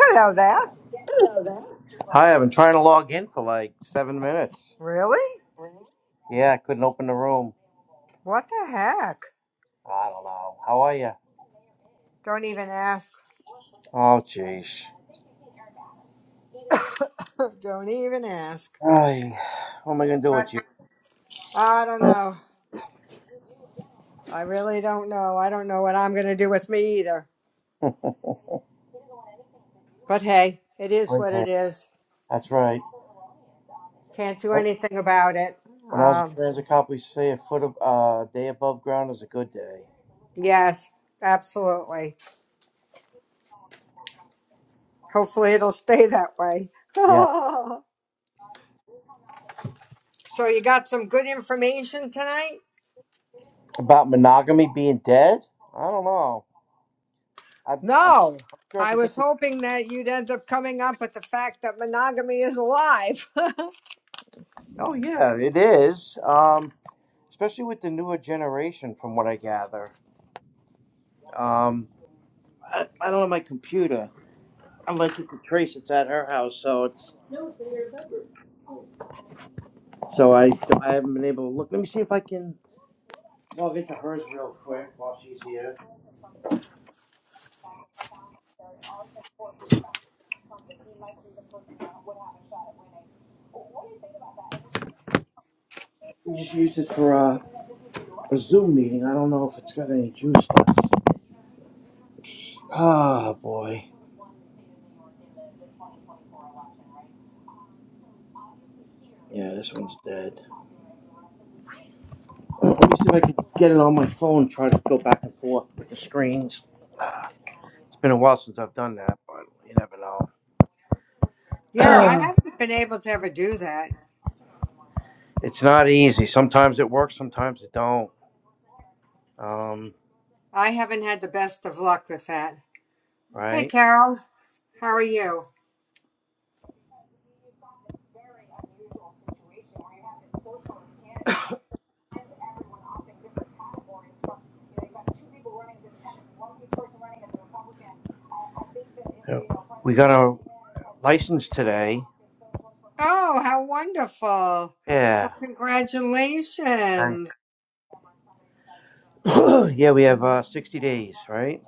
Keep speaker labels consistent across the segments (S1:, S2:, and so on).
S1: Hello there.
S2: Hi, I've been trying to log in for like seven minutes.
S1: Really?
S2: Yeah, I couldn't open the room.
S1: What the heck?
S2: I don't know. How are you?
S1: Don't even ask.
S2: Oh, jeez.
S1: don't even ask.
S2: Hi. What am I gonna do
S1: But
S2: with you?
S1: I don't know. I really don't know. I don't know what I'm going to do with me either. But hey, it is what
S2: Okay.
S1: it is.
S2: That's right.
S1: Can't do
S2: That-
S1: anything about it.
S2: When I was a
S1: Um,
S2: transit cop, we used to say a foot of uh, a day above ground is a good day.
S1: yes, absolutely. Hopefully it'll stay that way.
S2: Yeah.
S1: so you got some good information tonight?
S2: About monogamy being dead? I don't know. I, I'm
S1: No.
S2: I'm sure I
S1: I
S2: could think.
S1: was
S2: Of-
S1: hoping that you'd end up coming up with the fact that monogamy is alive.
S2: oh yeah, it is. Um, especially with the newer generation, from what I gather. Um, I, I don't have my computer. I looked at the trace. It's at her house, so it's so I I haven't been able to look. Let me see if I can log into hers real quick while she's here. We just used it for a, a Zoom meeting. I don't know if it's got any juice left. Ah, boy. Yeah, this one's dead. Let me see if I can get it on my phone. Try to go back and forth with the screens. It's been a while since I've done that, but you never
S1: Yeah, I
S2: know.
S1: haven't been able to ever do that.
S2: it's not easy. Sometimes it works. Sometimes it don't. Um,
S1: I haven't had the best of luck with that. Hey,
S2: right.
S1: Carol, how are you?
S2: Yeah. We got our license today
S1: Oh, how wonderful. Well,
S2: Yeah. Right.
S1: congratulations.
S2: yeah, we have uh, 60 days, right?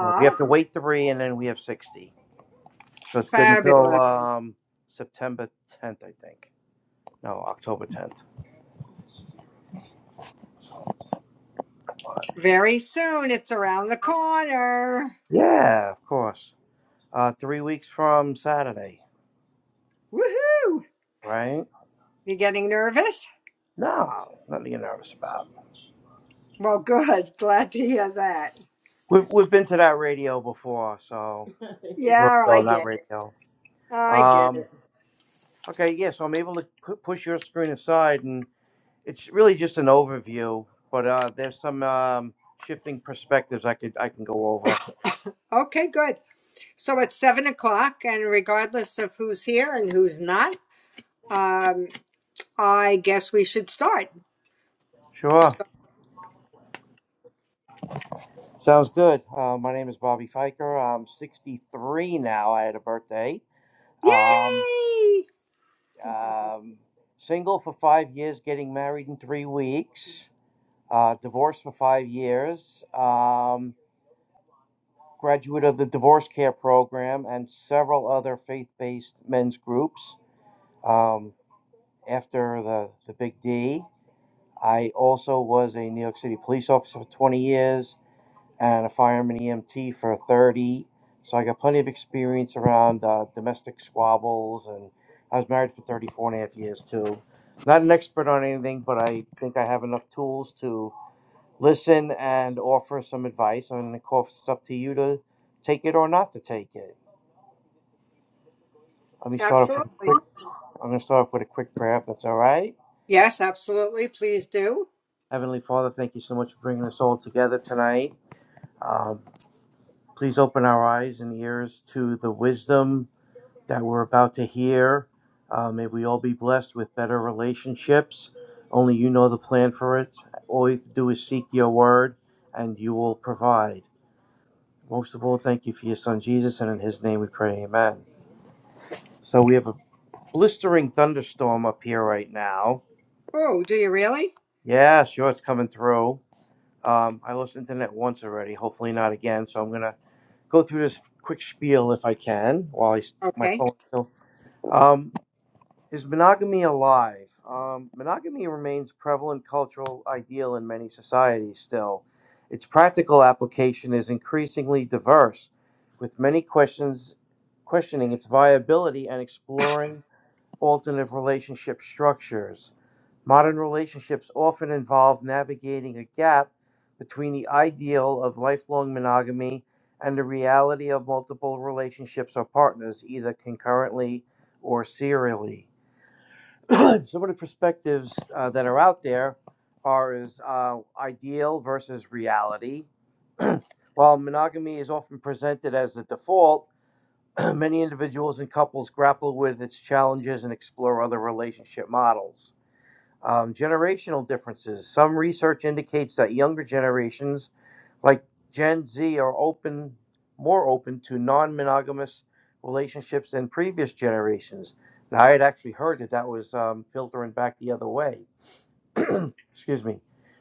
S2: Right. We have to wait three, and then we have 60. So it's good until
S1: Fabulous.
S2: um, September 10th, I think. No, October 10th.
S1: Very soon, it's around the corner.
S2: Yeah, of course. Uh, three weeks from Saturday,
S1: Woohoo!
S2: right?
S1: You getting nervous?
S2: No, nothing to are nervous about.
S1: Well, good. Glad to hear that.
S2: We've we've been to that radio before, so
S1: Yeah, I
S2: rodeo, not
S1: get it.
S2: radio.
S1: I get
S2: Um.
S1: it.
S2: Okay, yeah. So I'm able to pu- push your screen aside, and. It's really just an overview, but uh, there's some um, shifting perspectives I could I can go over.
S1: Okay, good. So it's seven o'clock, and regardless of who's here and who's not, um. I guess we should start.
S2: Sure,
S1: So-
S2: sounds good. Uh, my name is Bobby Fiker. I'm 63 now. I had a birthday. Um,
S1: Yay!
S2: um, single for five years, getting married in three weeks. Uh, divorced for five years. Um, graduate of the divorce care program and several other faith-based men's groups. Um, after the the Big D. I also was a New York City police officer for 20 years and a fireman EMT for 30. So I got plenty of experience around uh, domestic squabbles, and I was married for 34 and a half years too. Not an expert on anything, but I think I have enough tools to listen and offer some advice. And of course, it's up to you to take it or not to take it. Let me start off with a
S1: Absolutely.
S2: quick. I'm going to start off with a quick prayer, if that's all right.
S1: Yes, absolutely. Please do.
S2: Heavenly Father, thank you so much for bringing us all together tonight. Um. Please open our eyes and ears to the wisdom that we're about to hear. Uh, may we all be blessed with better relationships. Only you know the plan for it. All you have to do is seek your word, and you will provide. Most of all, thank you for your son Jesus, and in his name we pray, amen. So we have a blistering thunderstorm up here right now.
S1: Oh, do you really?
S2: Yeah, sure, it's coming through. Um, I lost internet once already, hopefully not again, so I'm going to go through this quick spiel if I can while I, s- my
S1: Okay.
S2: phone is still Um, is monogamy alive? Um, monogamy remains a prevalent cultural ideal in many societies still. Its practical application is increasingly diverse, with many questions questioning its viability and exploring alternative relationship structures. Modern relationships often involve navigating a gap between the ideal of lifelong monogamy and the reality of multiple relationships or partners, either concurrently or serially. Some of the perspectives uh, that are out there are is uh, ideal versus reality. While monogamy is often presented as the default, Many individuals and couples grapple with its challenges and explore other relationship models. Um, generational differences. Some research indicates that younger generations, like Gen Z, are open, more open to non-monogamous relationships than previous generations. Now, I had actually heard that that was um, filtering back the other way. excuse me,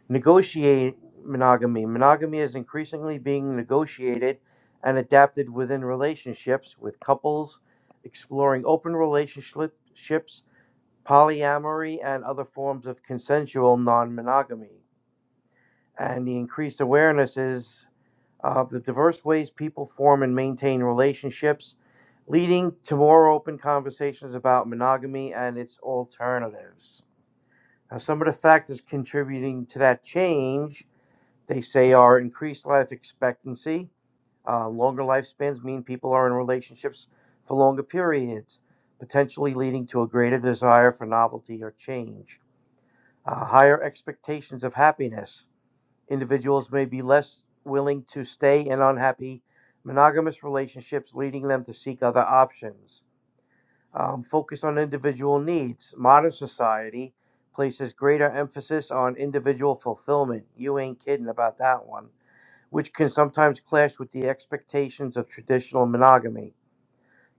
S2: negotiate monogamy. Monogamy is increasingly being negotiated and adapted within relationships, with couples exploring open relationships, polyamory, and other forms of consensual non monogamy. And the increased awareness is of the diverse ways people form and maintain relationships, leading to more open conversations about monogamy and its alternatives. Now, some of the factors contributing to that change, they say, are increased life expectancy. Uh, longer lifespans mean people are in relationships for longer periods, potentially leading to a greater desire for novelty or change. Uh, higher expectations of happiness. Individuals may be less willing to stay in unhappy monogamous relationships, leading them to seek other options um, focused on individual needs. Modern society places greater emphasis on individual fulfillment. You ain't kidding about that one, which can sometimes clash with the expectations of traditional monogamy.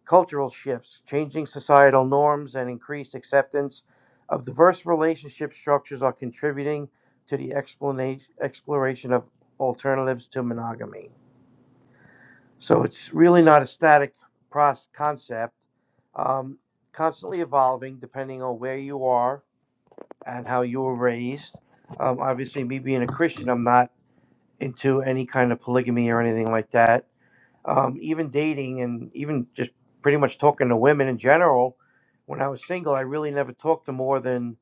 S2: Cultural shifts, changing societal norms, and increased acceptance of diverse relationship structures are contributing to the explana- exploration of alternatives to monogamy. So it's really not a static process, concept, um, constantly evolving depending on where you are and how you were raised. Um, obviously, me being a Christian, I'm not into any kind of polygamy or anything like that. Um, even dating and even just pretty much talking to women in general, when I was single, I really never talked to more than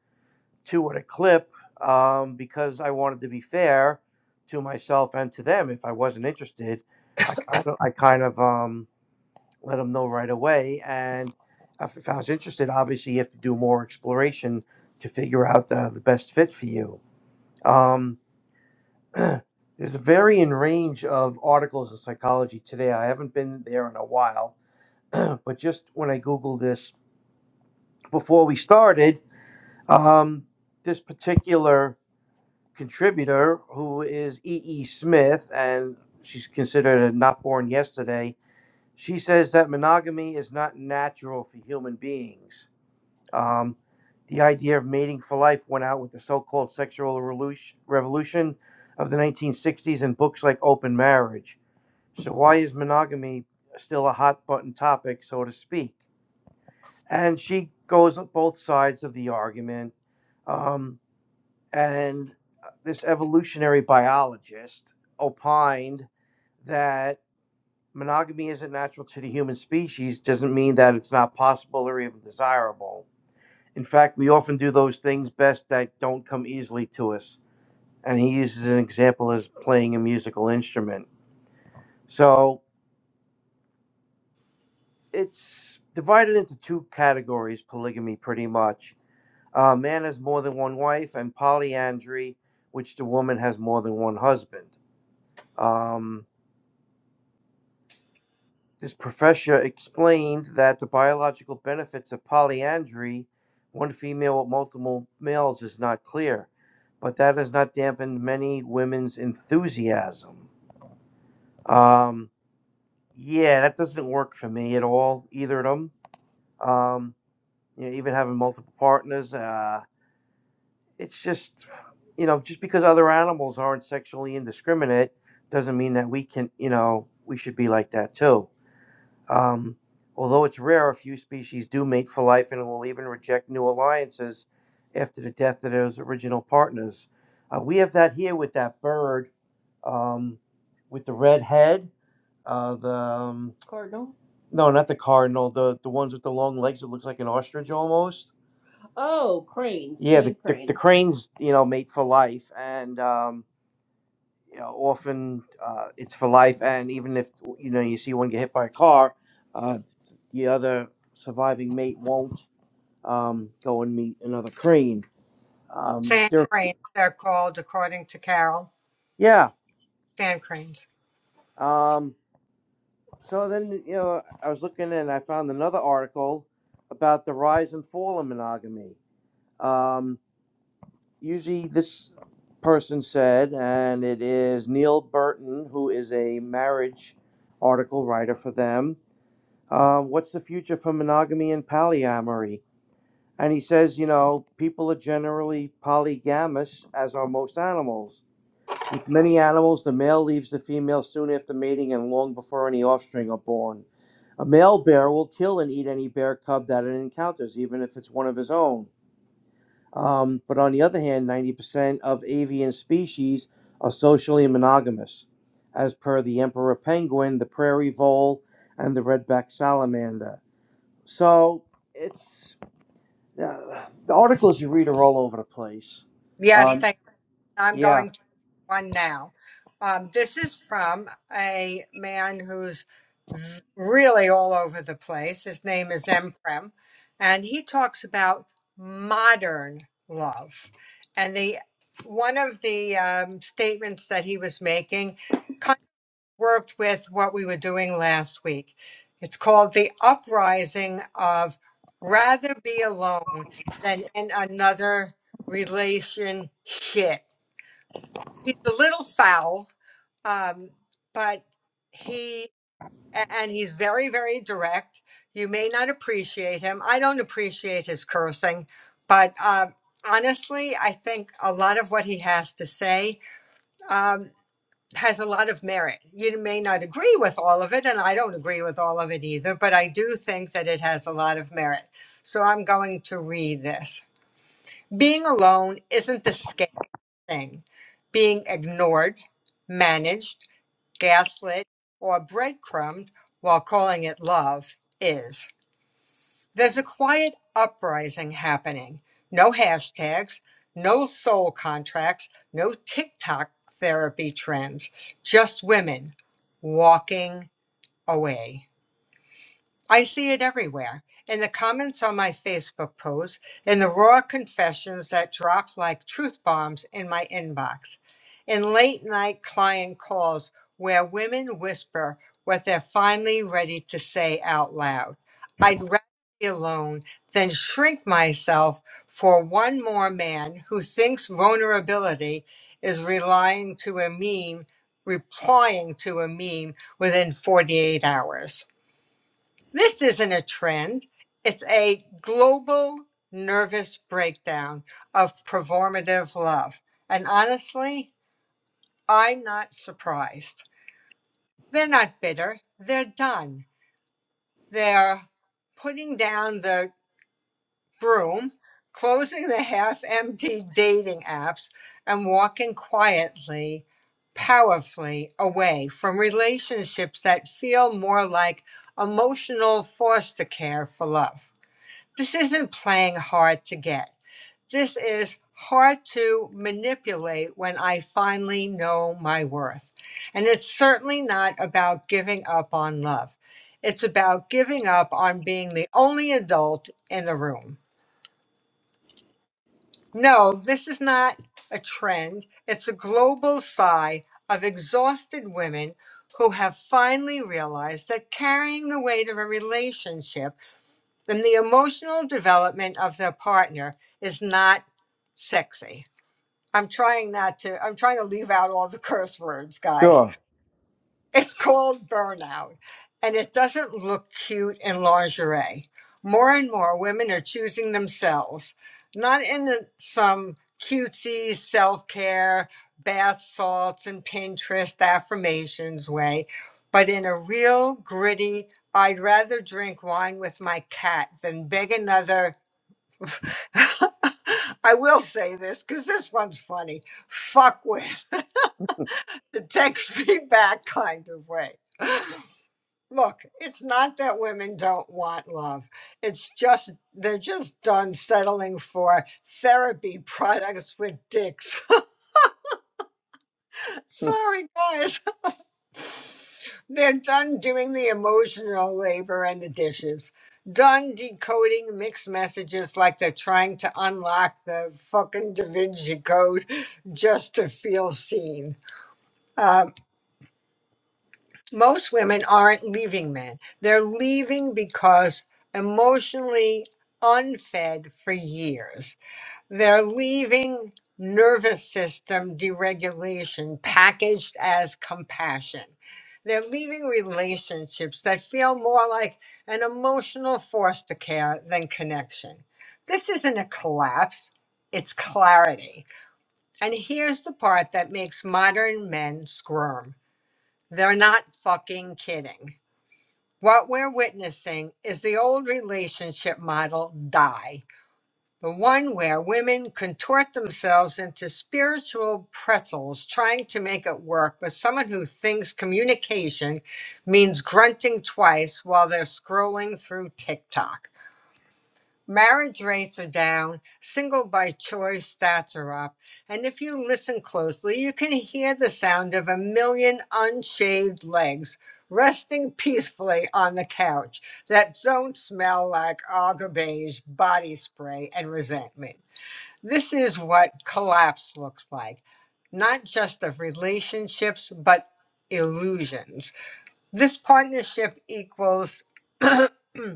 S2: two at a clip um, because I wanted to be fair to myself and to them. If I wasn't interested, I kind of, I kind of um, let them know right away. And if, if I was interested, obviously you have to do more exploration to figure out the, the best fit for you. Um, there's a varying range of articles in psychology today. I haven't been there in a while, but just when I Googled this before we started, um, this particular contributor, who is E. E. Smith, and she's considered a not born yesterday, she says that monogamy is not natural for human beings Um, the idea of mating for life went out with the so called sexual revolution of the 1960s and books like Open Marriage. So, why is monogamy still a hot button topic, so to speak? And she goes on both sides of the argument. Um, and this evolutionary biologist opined that monogamy isn't natural to the human species, doesn't mean that it's not possible or even desirable in fact, we often do those things best that don't come easily to us. And he uses an example as playing a musical instrument. So it's divided into two categories, polygamy, pretty much. A man has more than one wife, and polyandry, which the woman has more than one husband. Um, This professor explained that the biological benefits of polyandry, one female with multiple males, is not clear, but that has not dampened many women's enthusiasm. Um, yeah, that doesn't work for me at all, either of them. Um, you know, even having multiple partners, uh, it's just, you know, just because other animals aren't sexually indiscriminate doesn't mean that we can, you know, we should be like that too. Um, although it's rare, a few species do mate for life and will even reject new alliances after the death of those original partners. Uh, we have that here with that bird um, with the red head. Uh, the um, no, not the cardinal. The the ones with the long legs that looks like an ostrich almost. Cranes, you know, mate for life, and um, you know, often uh, it's for life. And even if you know you see one get hit by a car, uh, the other surviving mate won't. um, go and meet another crane. Um,
S1: Sand
S2: there,
S1: cranes, they're called, according to Carol.
S2: yeah.
S1: Sand cranes.
S2: Um, so then, you know, I was looking and I found another article about the rise and fall of monogamy. Um, usually, this person said, and it is Neil Burton, who is a marriage article writer for them. Uh, what's the future for monogamy and polyamory? And he says, you know, people are generally polygamous, as are most animals With many animals, the male leaves the female soon after mating and long before any offspring are born. A male bear will kill and eat any bear cub that it encounters, even if it's one of his own. Um, but on the other hand, 90% of avian species are socially monogamous, as per the emperor penguin, the prairie vole, and the red-backed salamander. So it's uh, the articles you read are all over the place.
S1: Yes,
S2: Um,
S1: thank I'm
S2: yeah,
S1: going to one now. Um, this is from a man who's v- really all over the place. His name is Emprem, and he talks about modern love. And the one of the um, statements that he was making kind of worked with what we were doing last week. It's called the uprising of rather be alone than in another relationship he's a little foul, um, but he and he's very, very direct. You may not appreciate him. I don't appreciate his cursing, but um, honestly, I think a lot of what he has to say um, has a lot of merit. You may not agree with all of it, and I don't agree with all of it either, but I do think that it has a lot of merit. So I'm going to read this. Being alone isn't the scary thing. Being ignored, managed, gaslit, or breadcrumbed while calling it love is. There's a quiet uprising happening. No hashtags, no soul contracts, no TikTok therapy trends, just women walking away. I see it everywhere in the comments on my Facebook posts, in the raw confessions that drop like truth bombs in my inbox, in late night client calls where women whisper what they're finally ready to say out loud. I'd rather be alone than shrink myself for one more man who thinks vulnerability is relying to a meme, replying to a meme within 48 hours. This isn't a trend. It's a global nervous breakdown of performative love. And honestly, I'm not surprised. They're not bitter. They're done. They're putting down the broom, closing the half empty dating apps, and walking quietly, powerfully away from relationships that feel more like emotional foster care for love. This isn't playing hard to get. This is hard to manipulate when I finally know my worth. And it's certainly not about giving up on love. It's about giving up on being the only adult in the room. No, this is not a trend. It's a global sigh of exhausted women who have finally realized that carrying the weight of a relationship then the emotional development of their partner is not sexy. I'm trying not to, I'm trying to leave out all the curse words, guys.
S2: sure.
S1: It's called burnout, and it doesn't look cute in lingerie. More and more women are choosing themselves, not in the- some cutesy self care, bath salts, and Pinterest affirmations way, but in a real gritty, I'd rather drink wine with my cat than beg another. I will say this because this one's funny. Fuck with the text me back kind of way. Look, it's not that women don't want love. It's just they're just done settling for therapy products with dicks. Sorry, guys. They're done doing the emotional labor and the dishes. Done decoding mixed messages like they're trying to unlock the fucking Da Vinci Code just to feel seen. Um, most women aren't leaving men. They're leaving because emotionally unfed for years. They're leaving nervous system deregulation packaged as compassion. They're leaving relationships that feel more like an emotional foster care than connection. This isn't a collapse, it's clarity. And here's the part that makes modern men squirm they're not fucking kidding. What we're witnessing is the old relationship model die, the one where women contort themselves into spiritual pretzels trying to make it work with someone who thinks communication means grunting twice while they're scrolling through TikTok. Marriage rates are down, single by choice stats are up, and if you listen closely, you can hear the sound of a million unshaved legs resting peacefully on the couch that don't smell like Aga Beige body spray and resentment. This is what collapse looks like, not just of relationships, but illusions. This partnership equals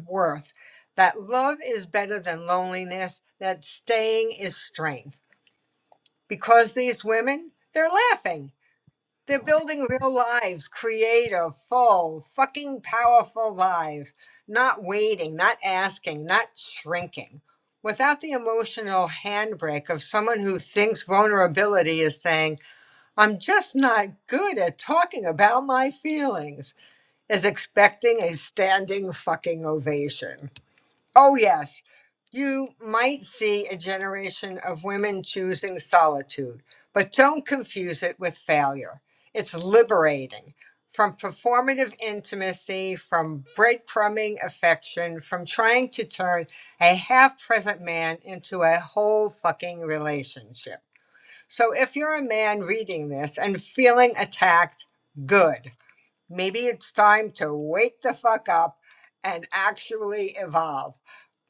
S1: worth, that love is better than loneliness, that staying is strength. Because these women, they're laughing. They're building real lives, creative, full, fucking powerful lives, not waiting, not asking, not shrinking. Without the emotional handbrake of someone who thinks vulnerability is saying, I'm just not good at talking about my feelings, is expecting a standing fucking ovation. Oh, yes. You might see a generation of women choosing solitude, but don't confuse it with failure. It's liberating from performative intimacy, from breadcrumbing affection, from trying to turn a half present man into a whole fucking relationship. So if you're a man reading this and feeling attacked, good. Maybe it's time to wake the fuck up and actually evolve.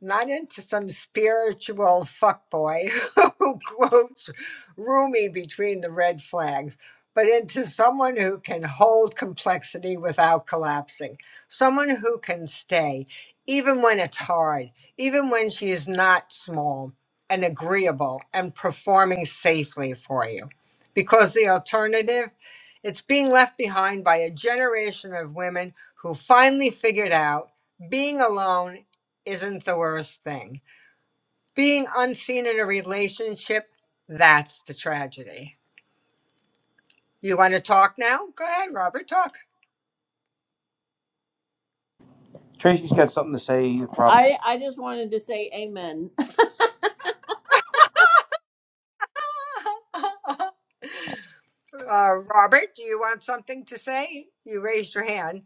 S1: Not into some spiritual fuckboy who quotes Rumi between the red flags, but into someone who can hold complexity without collapsing. Someone who can stay, even when it's hard, even when she is not small and agreeable and performing safely for you. Because the alternative it's being left behind by a generation of women who finally figured out being alone isn't the worst thing. Being unseen in a relationship, that's the tragedy. You want to talk now? Go ahead, Robert, talk.
S2: Tracy's got something to say. Probably, I I just wanted to say amen.
S1: uh, Robert, do you want something to say? You raised your hand.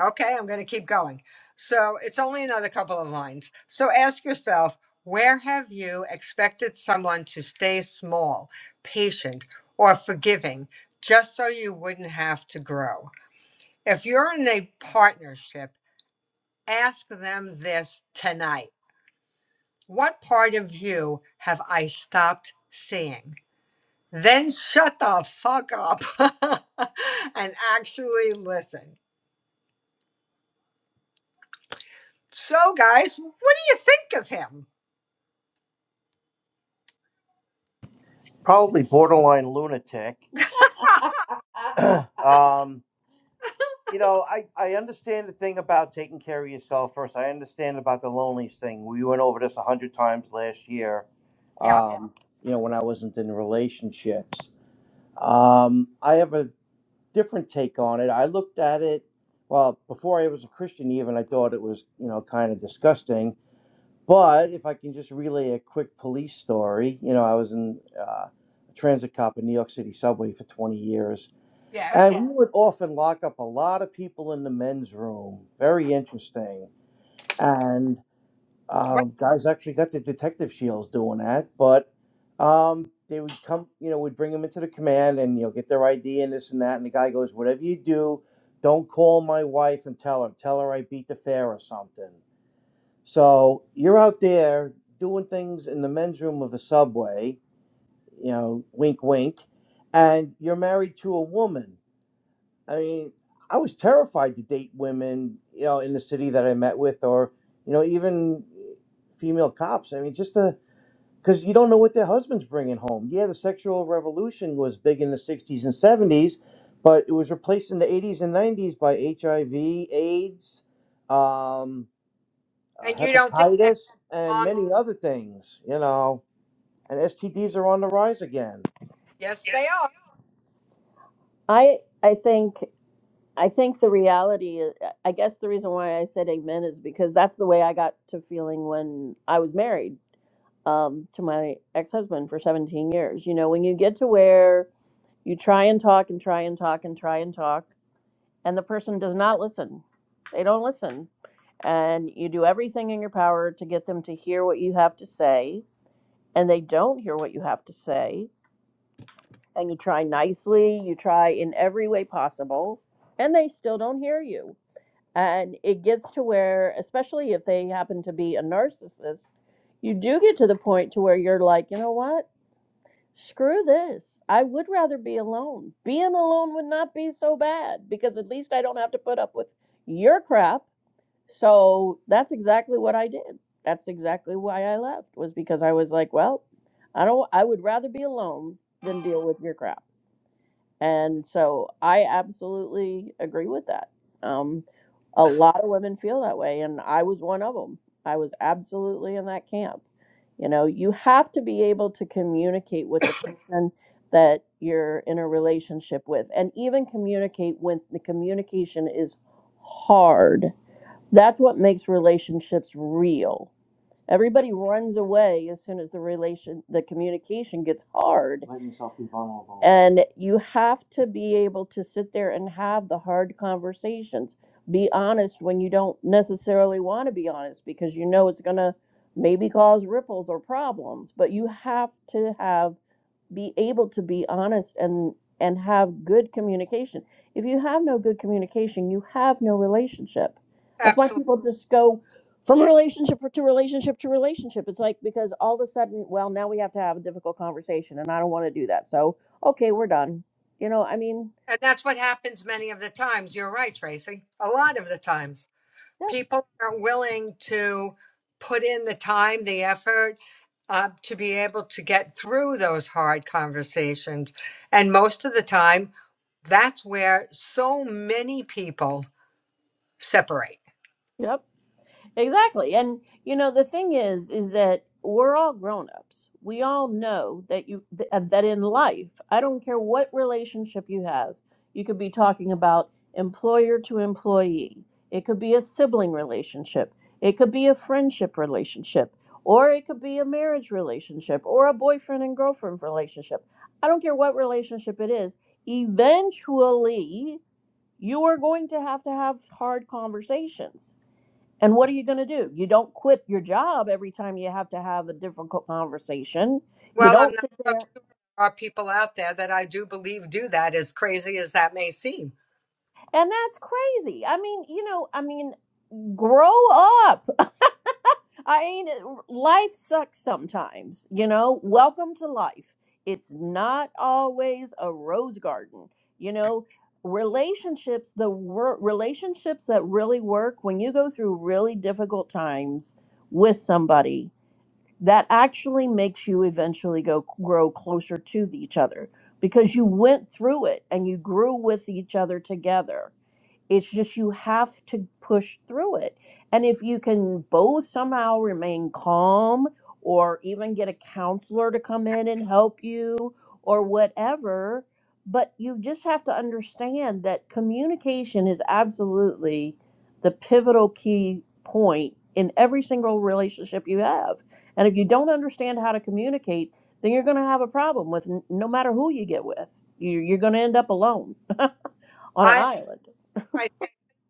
S1: Okay, I'm going to keep going. So it's only another couple of lines. So ask yourself where have you expected someone to stay small, patient, or forgiving just so you wouldn't have to grow? If you're in a partnership, ask them this tonight What part of you have I stopped seeing? Then shut the fuck up and actually listen. So, guys, what do you think of him?
S2: probably borderline lunatic. um, you know, I I understand the thing about taking care of yourself first. I understand about the loneliness thing. We went over this a hundred times last year.
S1: Yep.
S2: Um, you know, when I wasn't in relationships. Um, I have a different take on it. I looked at it. Well, before I was a Christian, even I thought it was you know kind of disgusting. But if I can just relay a quick police story, you know, I was in uh, a transit cop in New York City subway for 20 years, and
S1: Yes.
S2: we would often lock up a lot of people in the men's room. Very interesting. And
S1: Right.
S2: um, guys actually got their detective shields doing that, but um, they would come, you know, we would bring them into the command and, you know, get their ID and this and that. And the guy goes, whatever you do, don't call my wife and tell her. Tell her I beat the fare or something. So you're out there doing things in the men's room of a subway, you know, wink, wink, and you're married to a woman. I mean, I was terrified to date women, you know, in the city that I met with, or, you know, even female cops. I mean, just the, because you don't know what their husband's bringing home. Yeah, the sexual revolution was big in the 60s and 70s, but it was replaced in the 80s and 90s by HIV, AIDS, um, uh,
S1: And you don't think
S2: hepatitis
S1: that
S2: and
S1: belong?
S2: many other things, you know. And STDs are on the rise again.
S1: Yes, they are.
S2: I I think I think the reality is, I guess the reason why I said amen is because that's the way I got to feeling when I was married um, to my ex-husband for 17 years. You know, when you get to where you try and talk and try and talk and try and talk and the person does not listen. They don't listen. And you do everything in your power to get them to hear what you have to say and they don't hear what you have to say and you try nicely you try in every way possible and they still don't hear you and it gets to where especially if they happen to be a narcissist you do get to the point to where you're like you know what screw this i would rather be alone being alone would not be so bad because at least i don't have to put up with your crap so that's exactly what I did. That's exactly why I left was because I was like, well, I don't I would rather be alone than deal with your crap. And so I absolutely agree with that. Um a lot of women feel that way and I was one of them. I was absolutely in that camp. You know, you have to be able to communicate with the person that you're in a relationship with and even communicate when the communication is hard that's what makes relationships real. Everybody runs away as soon as the relation the communication gets hard. Let yourself be vulnerable. And you have to be able to sit there and have the hard conversations. Be honest when you don't necessarily want to be honest because you know it's going to maybe cause ripples or problems, but you have to have be able to be honest and and have good communication. If you have no good communication, you have no relationship. That's why
S1: Absolutely.
S2: people just go from relationship to relationship to relationship. It's like because all of a sudden, well, now we have to have a difficult conversation and I don't want to do that. So, okay, we're done. You know, I mean,
S1: And that's what happens many of the times. You're right, Tracy. A lot of the times,
S2: that,
S1: people aren't willing to put in the time, the effort uh, to be able to get through those hard conversations. And most of the time, that's where so many people separate.
S2: Yep. Exactly. And you know the thing is is that we're all grown-ups. We all know that you th- uh, that in life, I don't care what relationship you have. You could be talking about employer to employee. It could be a sibling relationship. It could be a friendship relationship, or it could be a marriage relationship or a boyfriend and girlfriend relationship. I don't care what relationship it is. Eventually, you are going to have to have hard conversations and what are you going to do? You don't quit your job every time you have to have a difficult conversation. You
S1: Well, I'm
S2: don't
S1: not
S2: sit
S1: so
S2: there.
S1: sure there are people out there that I do believe do that, as crazy as that may seem.
S2: And that's crazy. I mean, you know, I mean, grow up. I mean, life sucks sometimes, you know? Welcome to life. It's not always a rose garden, you know? Relationships, the wor- relationships that really work when you go through really difficult times with somebody that actually makes you eventually go grow closer to each other because you went through it and you grew with each other together it's just you have to push through it. And if you can both somehow remain calm or even get a counselor to come in and help you or whatever, but you just have to understand that communication is absolutely the pivotal key point in every single relationship you have. And if you don't understand how to communicate, then you're going to have a problem with n- no matter who you get with. You- You're going to end up alone on an
S1: I,
S2: island.
S1: I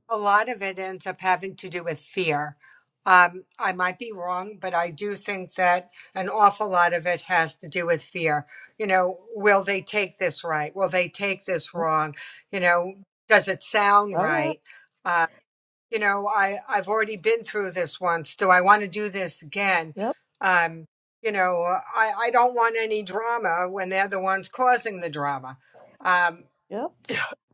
S1: a lot of it ends up having to do with fear. Um, I might be wrong, but I do think that an awful lot of it has to do with fear. You know, will they take this right? Will they take this wrong? You know, does it sound
S2: Oh, yeah.
S1: right? Uh, you know, I, I've already been through this once. Do I want to do this again?
S2: Yep.
S1: Um, you know, I, I don't want any drama when they're the ones causing the drama. Um,
S2: Yep.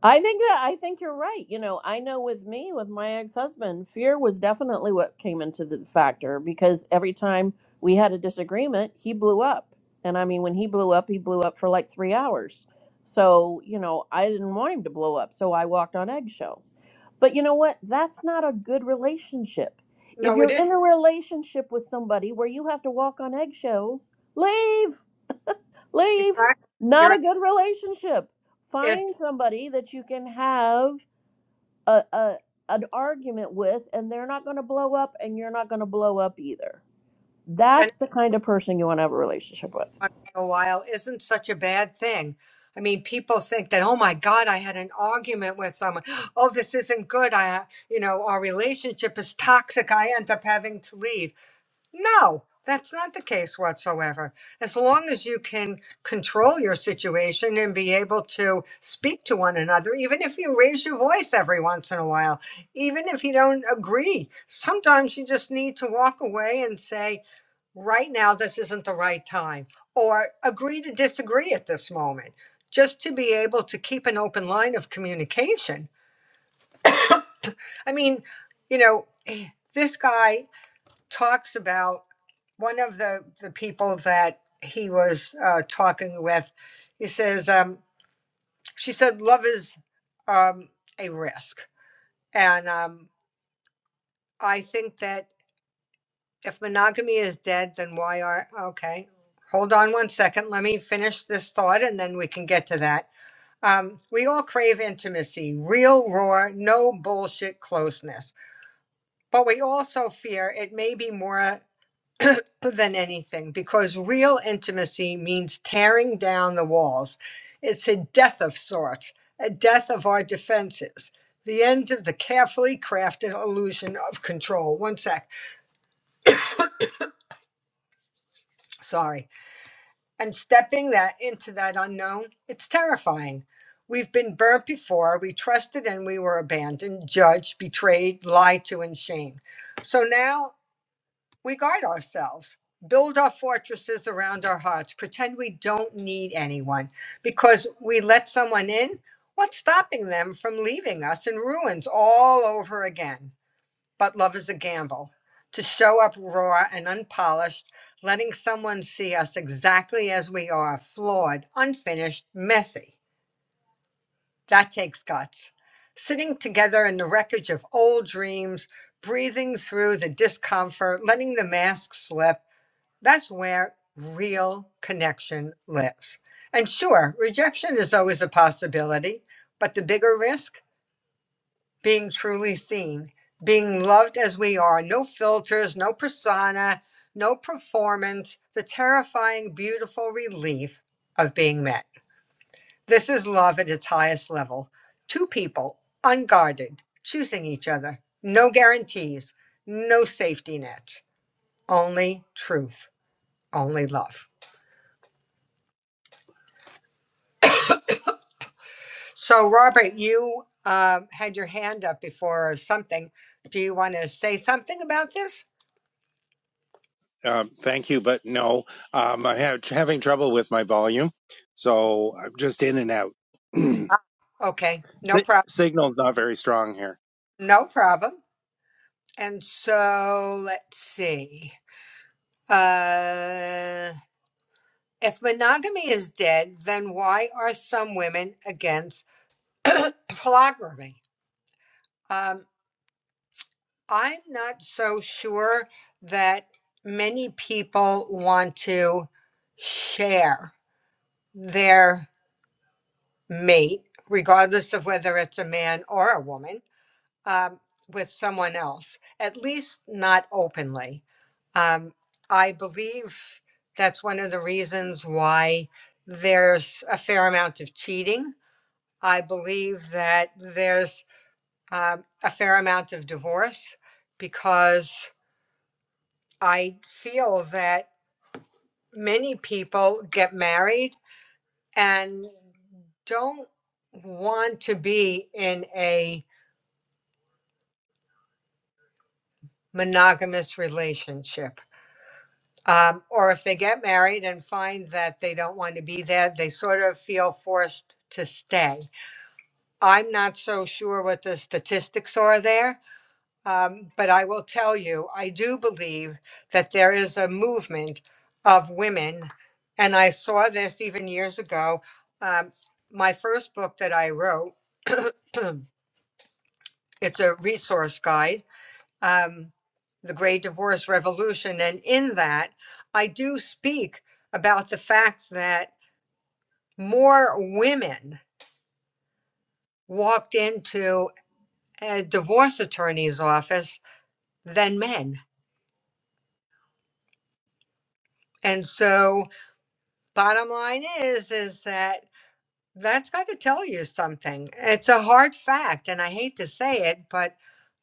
S2: I think that I think you're right. You know, I know with me, with my ex-husband, fear was definitely what came into the factor because every time we had a disagreement, he blew up. And I mean, when he blew up, he blew up for like 3 hours. So, you know, I didn't want him to blow up, so I walked on eggshells. But you know what? That's not a good relationship. If
S1: no,
S2: you're
S1: it
S2: in
S1: is
S2: a relationship with somebody where you have to walk on eggshells, leave. leave.
S1: exactly. You're,
S2: Not a good relationship.
S1: right,
S2: Find somebody that you can have a, a an argument with, and they're not going to blow up, and you're not going to blow up either.
S1: it,
S2: That's the kind of person you want to have a relationship with.
S1: on for a while isn't such a bad thing. I mean, people think that, oh my God, I had an argument with someone. Oh, this isn't good. I, you know, our relationship is toxic. I end up having to leave. No, that's not the case whatsoever. As long as you can control your situation and be able to speak to one another, even if you raise your voice every once in a while, even if you don't agree, sometimes you just need to walk away and say, right now this isn't the right time or agree to disagree at this moment just to be able to keep an open line of communication i mean you know eh, this guy talks about one of the the people that he was uh, talking with he says um, she said love is um, a risk and um, i think that If monogamy is dead, then why are okay? Hold on one second. Let me finish this thought, and then we can get to that. Um, we all crave intimacy, real, raw, no bullshit closeness. But we also fear it may be more than anything because real intimacy means tearing down the walls. It's a death of sorts, a death of our defenses, the end of the carefully crafted illusion of control. One sec. Sorry. and stepping that into that unknown it's terrifying we've been burnt before we trusted and we were abandoned judged betrayed lied to and shamed so now we guard ourselves build our fortresses around our hearts pretend we don't need anyone because we let someone in what's stopping them from leaving us in ruins all over again but love is a gamble. To show up raw and unpolished, letting someone see us exactly as we are flawed, unfinished, messy. That takes guts. Sitting together in the wreckage of old dreams, breathing through the discomfort, letting the mask slip that's where real connection lives. And sure, rejection is always a possibility, but the bigger risk? being truly seen, being loved as we are, no filters, no persona, no performance, the terrifying, beautiful relief of being met. This is love at its highest level. Two people, unguarded, choosing each other, no guarantees, no safety nets, only truth, only love. So, Robert, you uh, had your hand up before or something. Do you want to say something about this?
S3: Um, thank you, but no, um, I'm ha- having trouble with my volume, so I'm just in and out. Si-
S1: Okay, no problem.
S3: Signal's not very strong here.
S1: No problem. And so let's see. Uh, if monogamy is dead, then why are some women against polygamy? Um, I'm not so sure that many people want to share their mate, regardless of whether it's a man or a woman um, with someone else, at least not openly. Um, I believe that's one of the reasons why there's a fair amount of cheating. I believe that there's um, a fair amount of divorce because I feel that many people get married and don't want to be in a monogamous relationship. Um, or if they get married and find that they don't want to be there, they sort of feel forced to stay. I'm not so sure what the statistics are there, um, but I will tell you, I do believe that there is a movement of women, and I saw this even years ago. Um, my first book that I wrote, it's a resource guide um, the Great Divorce Revolution. And in that, I do speak about the fact that more women walked into a divorce attorney's office than men. And so, bottom line is, is that that's got to tell you something. It's a hard fact, and I hate to say it, but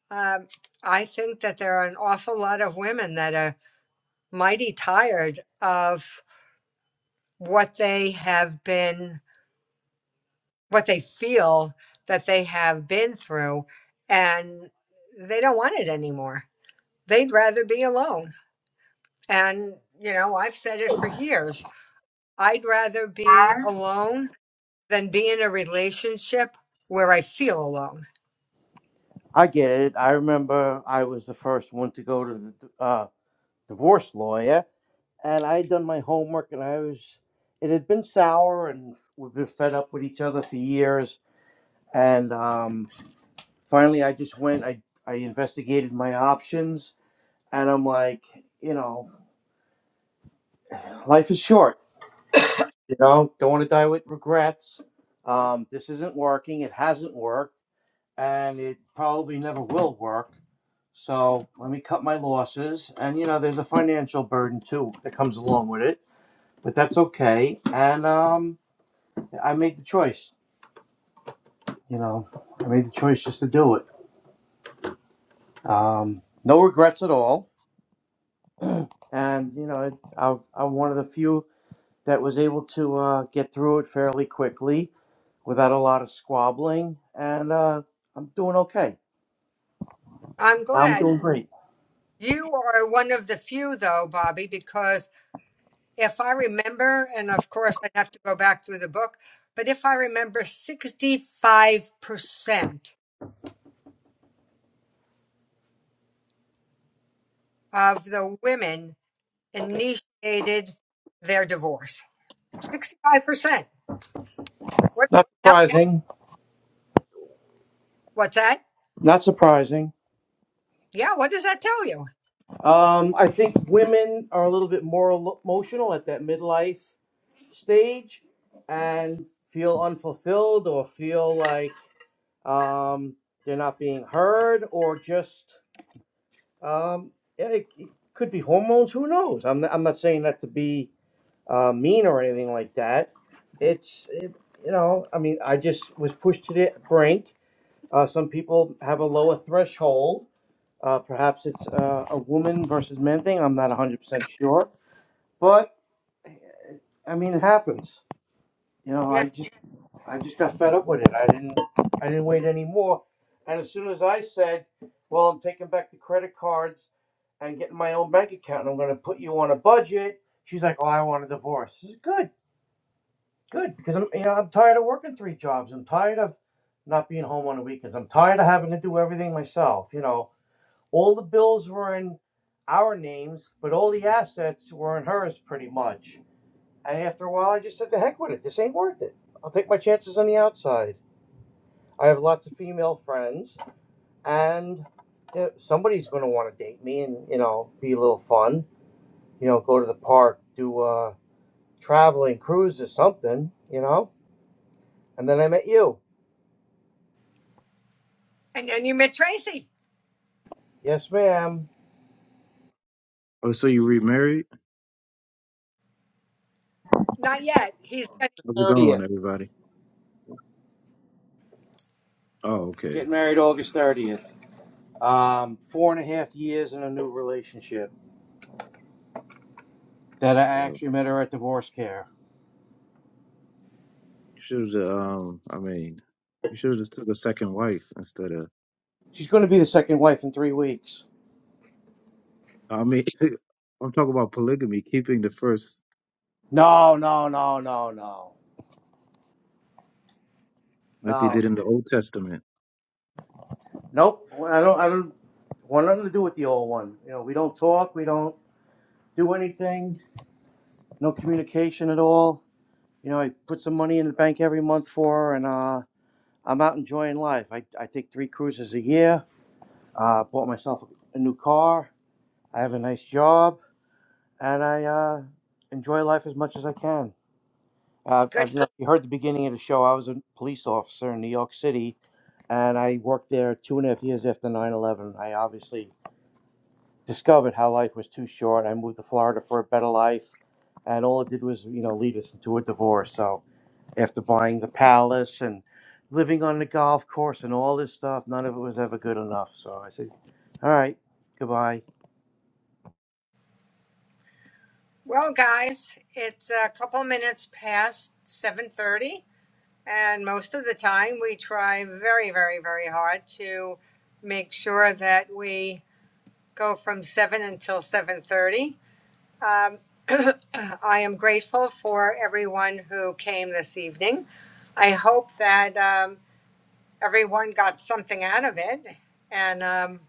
S1: um, I think that there are an awful lot of women that are mighty tired of what they have been what they feel that they have been through and they don't want it anymore. They'd rather be alone. And, you know, I've said it for years I'd rather be alone than be in a relationship where I feel alone.
S2: I get it. I remember I was the first one to go to the uh, divorce lawyer and I had done my homework, and I was it had been sour, and we've been fed up with each other for years. And um, finally, I just went. I I investigated my options, and I'm like, you know, life is short. You know, don't want to die with regrets. Um, this isn't working. It hasn't worked, and it probably never will work. So let me cut my losses. And you know, there's a financial burden too that comes along with it, but that's okay. And um, I made the choice. You know, I made the choice just to do it. Um, no regrets at all. And you know, it, I, I'm one of the few that was able to uh, get through it fairly quickly without a lot of squabbling, and uh, I'm doing okay.
S1: I'm
S2: I'm
S1: glad
S2: doing great.
S1: you are one of the few, though, Bobby, because if I remember, and of course I'd have to go back through the book, but if I remember, 65% of the women initiated their divorce. 65%. What
S2: Not
S1: tell-
S2: surprising.
S1: what's that?
S2: Not surprising.
S1: Yeah, what does that tell you?
S2: Um, I think women are a little bit more emo- emotional at that midlife stage, and feel unfulfilled or feel like um, they're not being heard, or just um, yeah, it, it could be hormones. Who knows? I'm I'm not saying that to be uh, mean or anything like that. It's it, you know, I mean, I just was pushed to the brink. Uh, some people have a lower threshold. Uh, perhaps it's uh, a woman versus men thing. I'm not 100% sure, but I mean, it happens. You know, I
S1: Yeah.
S2: just I just got fed up with it. I didn't I didn't wait anymore. And as soon as I said, Well, I'm taking back the credit cards and getting my own bank account and I'm gonna put you on a budget, she's like, Oh, I want a divorce. This is good, good, because I'm you know, I'm tired of working three jobs. I'm tired of not being home on the weekends. I'm tired of having to do everything myself. You know, all the bills were in our names, but all the assets were in hers pretty much. And after a while I just said the heck with it. This ain't worth it. I'll take my chances on the outside. I have lots of female friends, and you know, somebody's going to want to date me and you know be a little fun. You know, go to the park, do a traveling cruise or something. You know, and then I met you.
S1: And then you met Tracy.
S2: Yes, ma'am.
S4: Oh, so you remarried?
S1: Not yet. He's got
S4: How's it going,
S2: Thirtieth,
S4: everybody? Oh, okay.
S2: getting married August thirtieth. Um, four and a half years in a new relationship that I
S4: Well,
S2: actually met her at divorce care.
S4: you should have. Just, Um, I mean, you should have just took a second wife instead of.
S2: She's going to be the second wife in three weeks.
S4: I mean, I'm talking about polygamy, keeping the first,
S2: No, no, no, no, no,
S4: like they
S2: no.
S4: did in the Old Testament.
S2: Nope. I don't. I don't want nothing to do with the old one. You know, we don't talk. We don't do anything. No communication at all. You know, I put some money in the bank every month for her, and uh, I'm out enjoying life. I, I take three cruises a year. Uh, bought myself a new car. I have a nice job, and I uh, enjoy life as much as I can. Uh, I
S1: good
S2: don't know if you heard the beginning of the show. I was a police officer in New York City, and I worked there two and a half years after 9 11. I obviously discovered how life was too short. I moved to Florida for a better life, and all it did was, you know, lead us into a divorce. So after buying the palace and living on the golf course and all this stuff, none of it was ever good enough. So I said, "All right, goodbye."
S1: well guys, it's a couple minutes past 7:30 and most of the time we try very very very hard to make sure that we go from 7 until 7:30 Um, I am grateful for everyone who came this evening. I hope that um, everyone got something out of it. And um,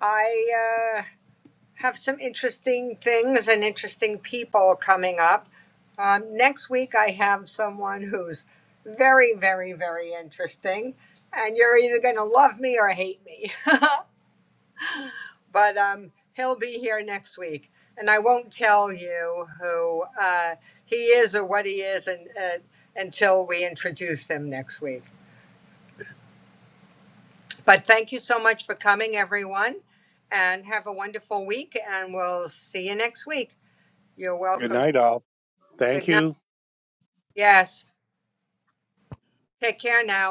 S1: I uh, have some interesting things and interesting people coming up. Um, next week, I have someone who's very, very, very interesting. And you're either going to love me or hate me. but um, he'll be here next week, and I won't tell you who uh, he is or what he is, and uh, until we introduce him next week. But thank you so much for coming, everyone, and have a wonderful week. And we'll see you next week. You're
S3: Good
S1: welcome.
S3: night, all.
S1: Good
S3: Thank
S1: night.
S3: you.
S1: Yes. Take care now.